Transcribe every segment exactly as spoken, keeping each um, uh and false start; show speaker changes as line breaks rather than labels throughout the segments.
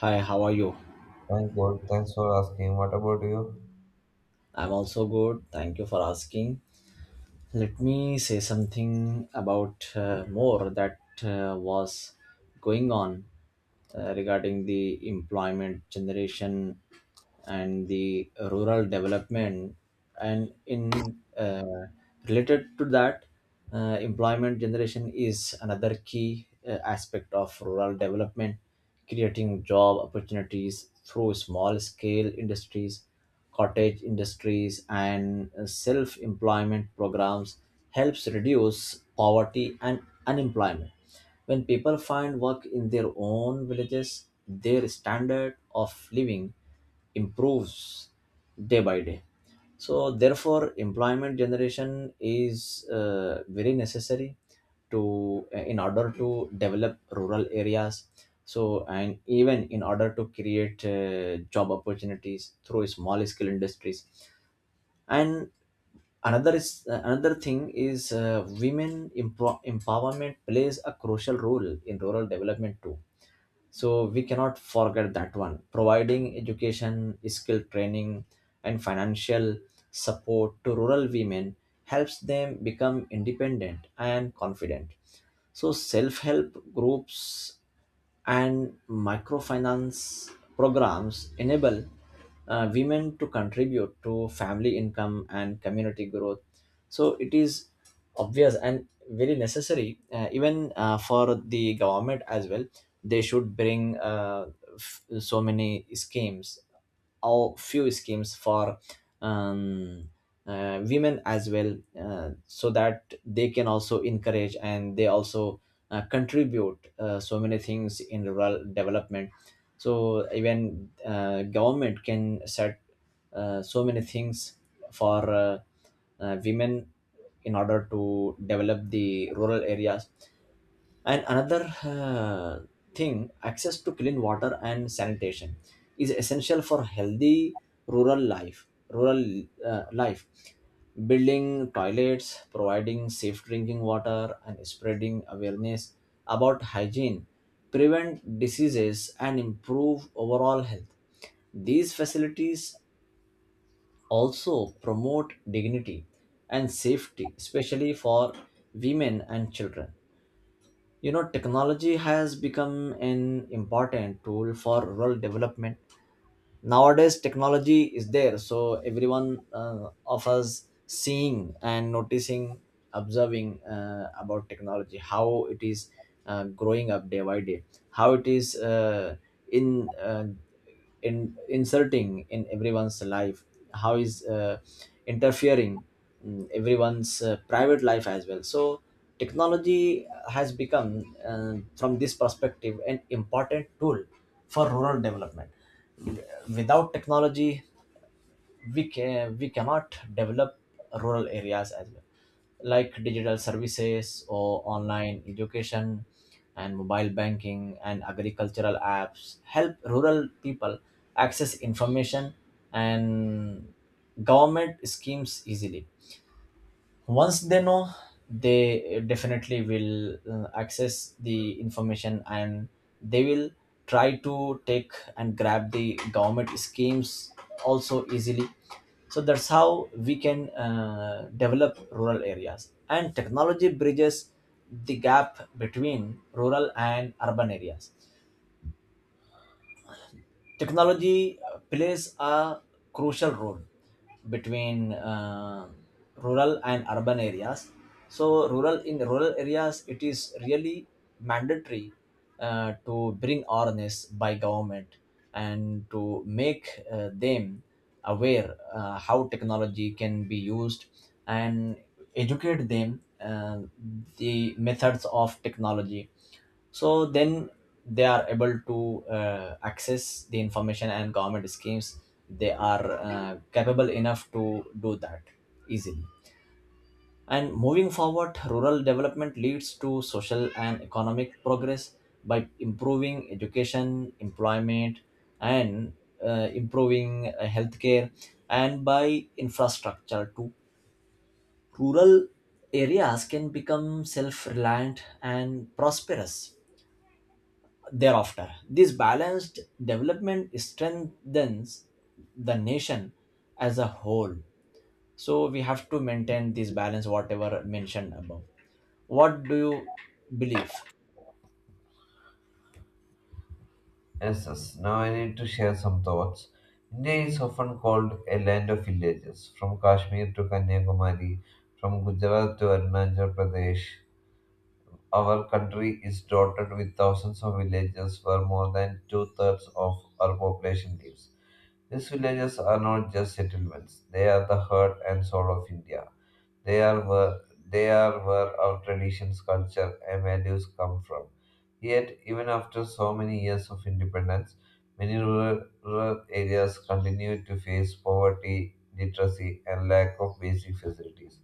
Hi, how are you?
Thank God. Thanks for asking. What about you?
I'm also good. Thank you for asking. Let me say something about uh, more that uh, was going on uh, regarding the employment generation and the rural development and in uh, related to that. Uh, employment generation is another key uh, aspect of rural development. Creating job opportunities through small scale industries, cottage industries and self employment programs helps reduce poverty and unemployment. When people find work in their own villages, their standard of living improves day by day. So therefore employment generation is uh, very necessary to uh, in order to develop rural areas, so and even in order to create uh, job opportunities through small scale industries. And another is uh, another thing is, uh, women empro- empowerment plays a crucial role in rural development too, so we cannot forget that one. Providing education, skill training and financial support to rural women helps them become independent and confident. So self-help groups and microfinance programs enable uh, women to contribute to family income and community growth. So it is obvious and very necessary, uh, even uh, for the government as well. They should bring uh, f- so many schemes or few schemes for Um, uh, women as well, uh, so that they can also encourage and they also uh, contribute uh, so many things in rural development. So even uh, government can set uh, so many things for uh, uh, women in order to develop the rural areas. And another uh, thing, access to clean water and sanitation is essential for healthy rural life. Rural uh, life, building toilets, providing safe drinking water, and spreading awareness about hygiene prevent diseases and improve overall health. These facilities also promote dignity and safety, especially for women and children. You know, technology has become an important tool for rural development. Nowadays technology is there, so everyone uh, of us seeing and noticing, observing uh, about technology, how it is uh, growing up day by day, how it is uh, in uh, in inserting in everyone's life, how is uh, interfering in everyone's uh, private life as well. So technology has become, uh, from this perspective, an important tool for rural development. Without technology, we can we cannot develop rural areas as well, like digital services or online education and mobile banking and agricultural apps help rural people access information and government schemes easily. Once they know, they definitely will uh, access the information and they will try to take and grab the government schemes also easily. So that's how we can uh, develop rural areas, and technology bridges the gap between rural and urban areas. Technology uh, plays a crucial role between uh, rural and urban areas. So, rural in rural areas, it is really mandatory uh, to bring awareness by government and to make uh, them aware uh, how technology can be used, and educate them uh, the methods of technology, so then they are able to uh, access the information and government schemes. They are uh, capable enough to do that easily. And moving forward, rural development leads to social and economic progress. By improving education, employment and uh, improving uh, healthcare, and by infrastructure too, rural areas can become self-reliant and prosperous thereafter. This balanced development strengthens the nation as a whole. So we have to maintain this balance, whatever mentioned above. What do you believe?
Yes, yes. Now I need to share some thoughts. India is often called a land of villages, from Kashmir to Kanyakumari, from Gujarat to Arunachal Pradesh. Our country is dotted with thousands of villages where more than two thirds of our population lives. These villages are not just settlements, they are the heart and soul of India. They are where, they are where our traditions, culture, and values come from. Yet, even after so many years of independence, many rural, rural areas continue to face poverty, literacy, and lack of basic facilities.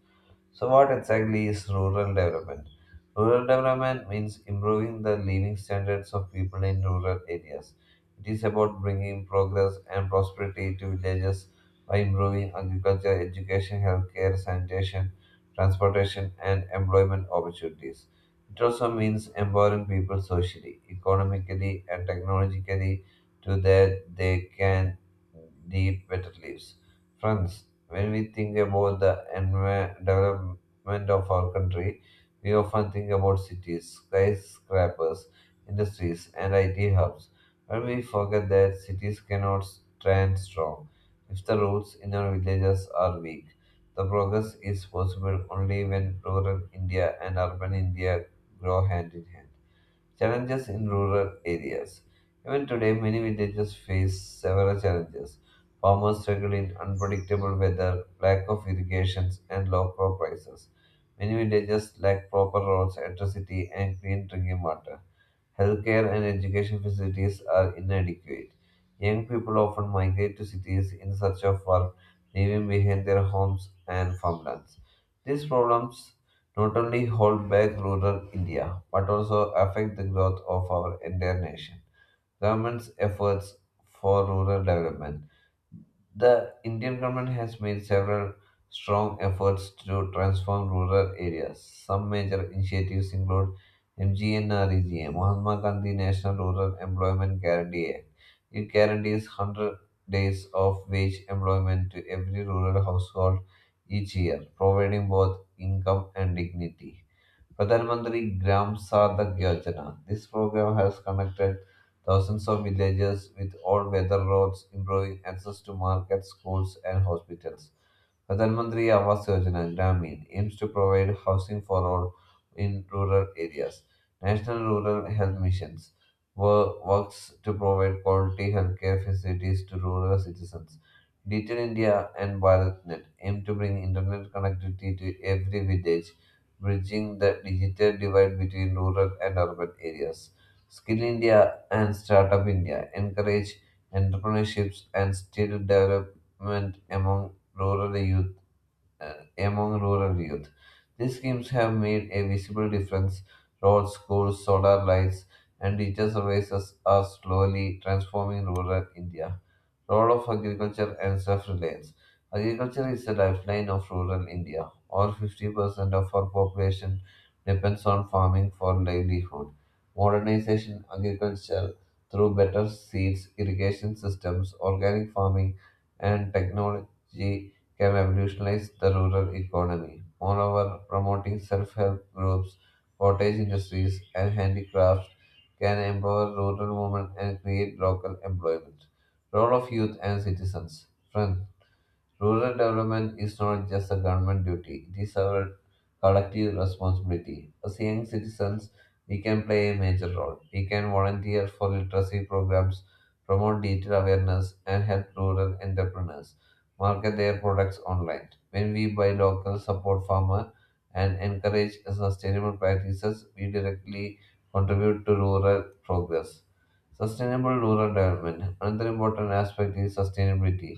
So, what exactly is rural development? Rural development means improving the living standards of people in rural areas. It is about bringing progress and prosperity to villages by improving agriculture, education, healthcare, sanitation, transportation, and employment opportunities. It also means empowering people socially, economically, and technologically to that they can lead better lives. Friends, when we think about the envi- development of our country, we often think about cities, skyscrapers, industries, and I T hubs. But we forget that cities cannot stand strong if the roads in our villages are weak. The progress is possible only when rural India and urban India grow hand in hand. Challenges in rural areas. Even today, many villages face several challenges. Farmers struggle in unpredictable weather, lack of irrigation, and low crop prices. Many villages lack proper roads, electricity, and clean drinking water. Healthcare and education facilities are inadequate. Young people often migrate to cities in search of work, leaving behind their homes and farmlands. These problems not only hold back rural India, but also affect the growth of our entire nation. Government's efforts for rural development. The Indian government has made several strong efforts to transform rural areas. Some major initiatives include MGNREGA, Mahatma Gandhi National Rural Employment Guarantee Act. It guarantees one hundred days of wage employment to every rural household each year, providing both income and dignity. Pradhan Mantri Gram Sadak Yojana. This program has connected thousands of villages with all-weather roads, improving access to markets, schools, and hospitals. Pradhan Mantri Awas Yojana Gramin aims to provide housing for all in rural areas. National Rural Health Missions wo- works to provide quality healthcare facilities to rural citizens. Digital India and BharatNet aim to bring internet connectivity to every village, bridging the digital divide between rural and urban areas. Skill India and Startup India encourage entrepreneurships and skill development among rural youth, uh, among rural youth. These schemes have made a visible difference. Roads, schools, solar lights, and digital services are slowly transforming rural India. Role of agriculture and self-reliance. Agriculture is the lifeline of rural India. All fifty percent of our population depends on farming for livelihood. Modernization agriculture through better seeds, irrigation systems, organic farming, and technology can revolutionize the rural economy. Moreover, promoting self help groups, cottage industries, and handicrafts can empower rural women and create local employment. Role of youth and citizens. Friend, rural development is not just a government duty, it is our collective responsibility. As young citizens, we can play a major role. We can volunteer for literacy programs, promote digital awareness, and help rural entrepreneurs market their products online. When we buy local, support farmers, and encourage sustainable practices, we directly contribute to rural progress. Sustainable rural development. Another important aspect is sustainability.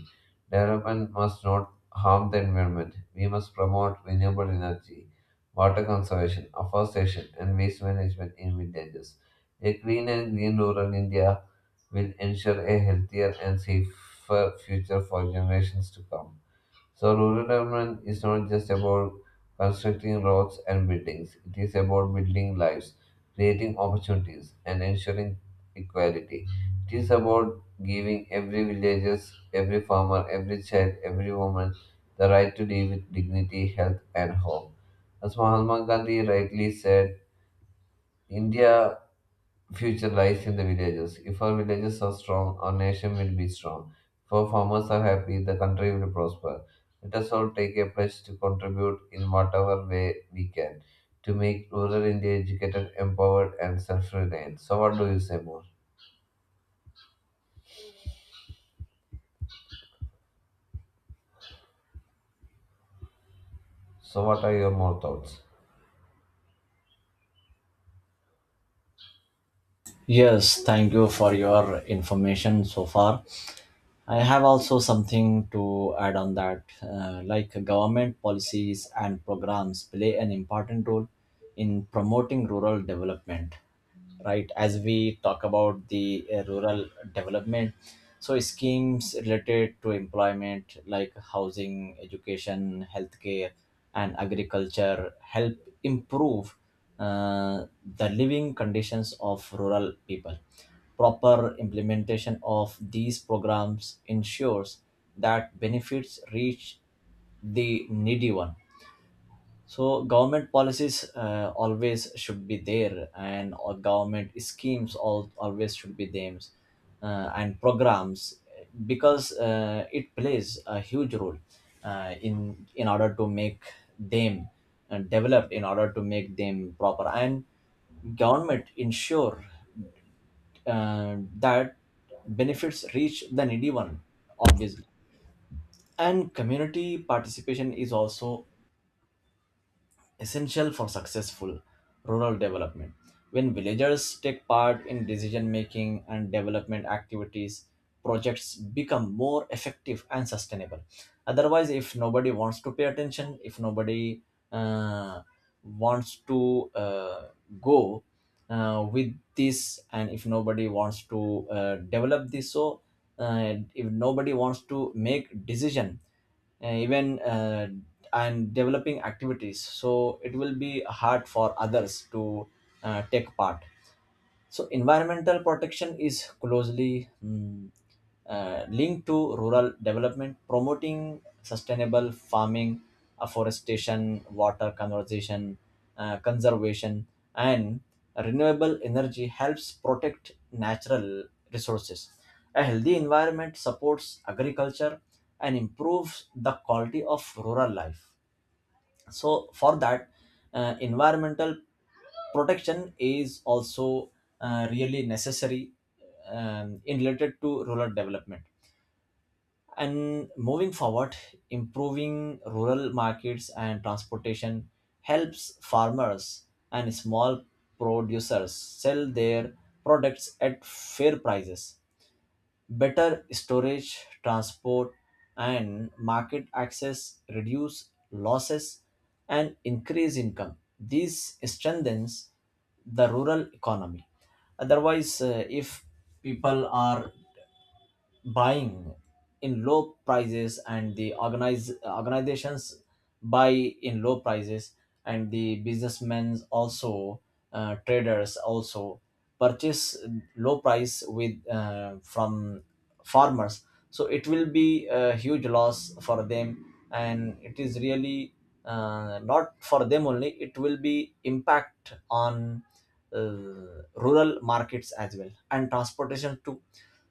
Development must not harm the environment. We must promote renewable energy, water conservation, afforestation, and waste management in villages. A clean and green rural India will ensure a healthier and safer future for generations to come. So, rural development is not just about constructing roads and buildings, it is about building lives, creating opportunities, and ensuring equality. It is about giving every villager, every farmer, every child, every woman the right to live with dignity, health, and hope. As Mahatma Gandhi rightly said, India future lies in the villages. If our villages are strong, our nation will be strong. If our farmers are happy, the country will prosper. Let us all take a pledge to contribute in whatever way we can to make rural India educated, empowered, and self reliant. So, what do you say more? So, what are your more thoughts?
Yes, thank you for your information so far. I have also something to add on that. Uh, like, government policies and programs play an important role in promoting rural development, right? As we talk about the uh, rural development, so schemes related to employment like housing, education, healthcare and agriculture help improve uh, the living conditions of rural people. Proper implementation of these programs ensures that benefits reach the needy one. So government policies uh, always should be there, and all government schemes all, always should be there, uh, and programs, because uh, it plays a huge role uh, in in order to make them uh, developed, in order to make them proper. And government ensure uh, that benefits reach the needy one, obviously. And community participation is also essential for successful rural development. When villagers take part in decision making and development activities, projects become more effective and sustainable. Otherwise, if nobody wants to pay attention, if nobody uh, wants to uh, go uh, with this, and if nobody wants to uh, develop this, so uh, if nobody wants to make decision, uh, even uh, and developing activities, so it will be hard for others to uh, take part. So environmental protection is closely mm, uh, linked to rural development. Promoting sustainable farming, afforestation, water conservation, uh, conservation and renewable energy helps protect natural resources. A healthy environment supports agriculture and improves the quality of rural life. So for that, uh, environmental protection is also uh, really necessary um, in related to rural development. And moving forward, improving rural markets and transportation helps farmers and small producers sell their products at fair prices. Better storage, transport, and market access reduce losses and increase income. This strengthens the rural economy. Otherwise, uh, if people are buying in low prices, and the organize, organizations buy in low prices, and the businessmen also, uh, traders also purchase low price with uh, from farmers, so it will be a huge loss for them. And it is really, uh, not for them only, it will be impact on uh, rural markets as well and transportation too.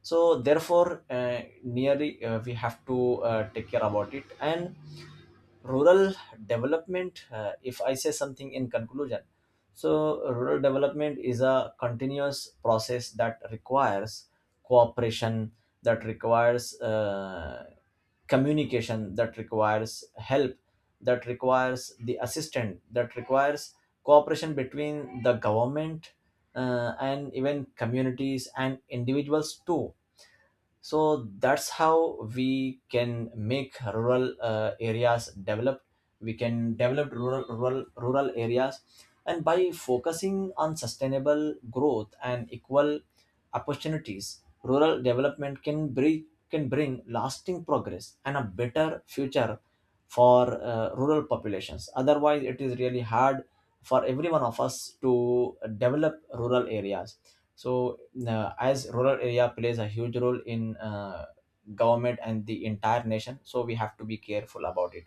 So therefore, uh, nearly, uh, we have to uh, take care about it. And rural development, uh, if I say something in conclusion, so rural development is a continuous process that requires cooperation, that requires uh, communication, that requires help, that requires the assistant, that requires cooperation between the government uh, and even communities and individuals too. So that's how we can make rural uh, areas developed. We can develop rural, rural rural areas. And by focusing on sustainable growth and equal opportunities, rural development can bring can bring lasting progress and a better future for uh, rural populations. Otherwise it is really hard for every one of us to develop rural areas. So uh, as rural area plays a huge role in uh, government and the entire nation, so we have to be careful about it.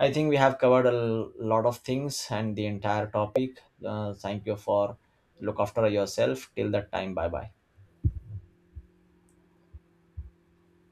I think we have covered a l- lot of things and the entire topic. Uh, thank you for, look after yourself. Till that time, bye bye.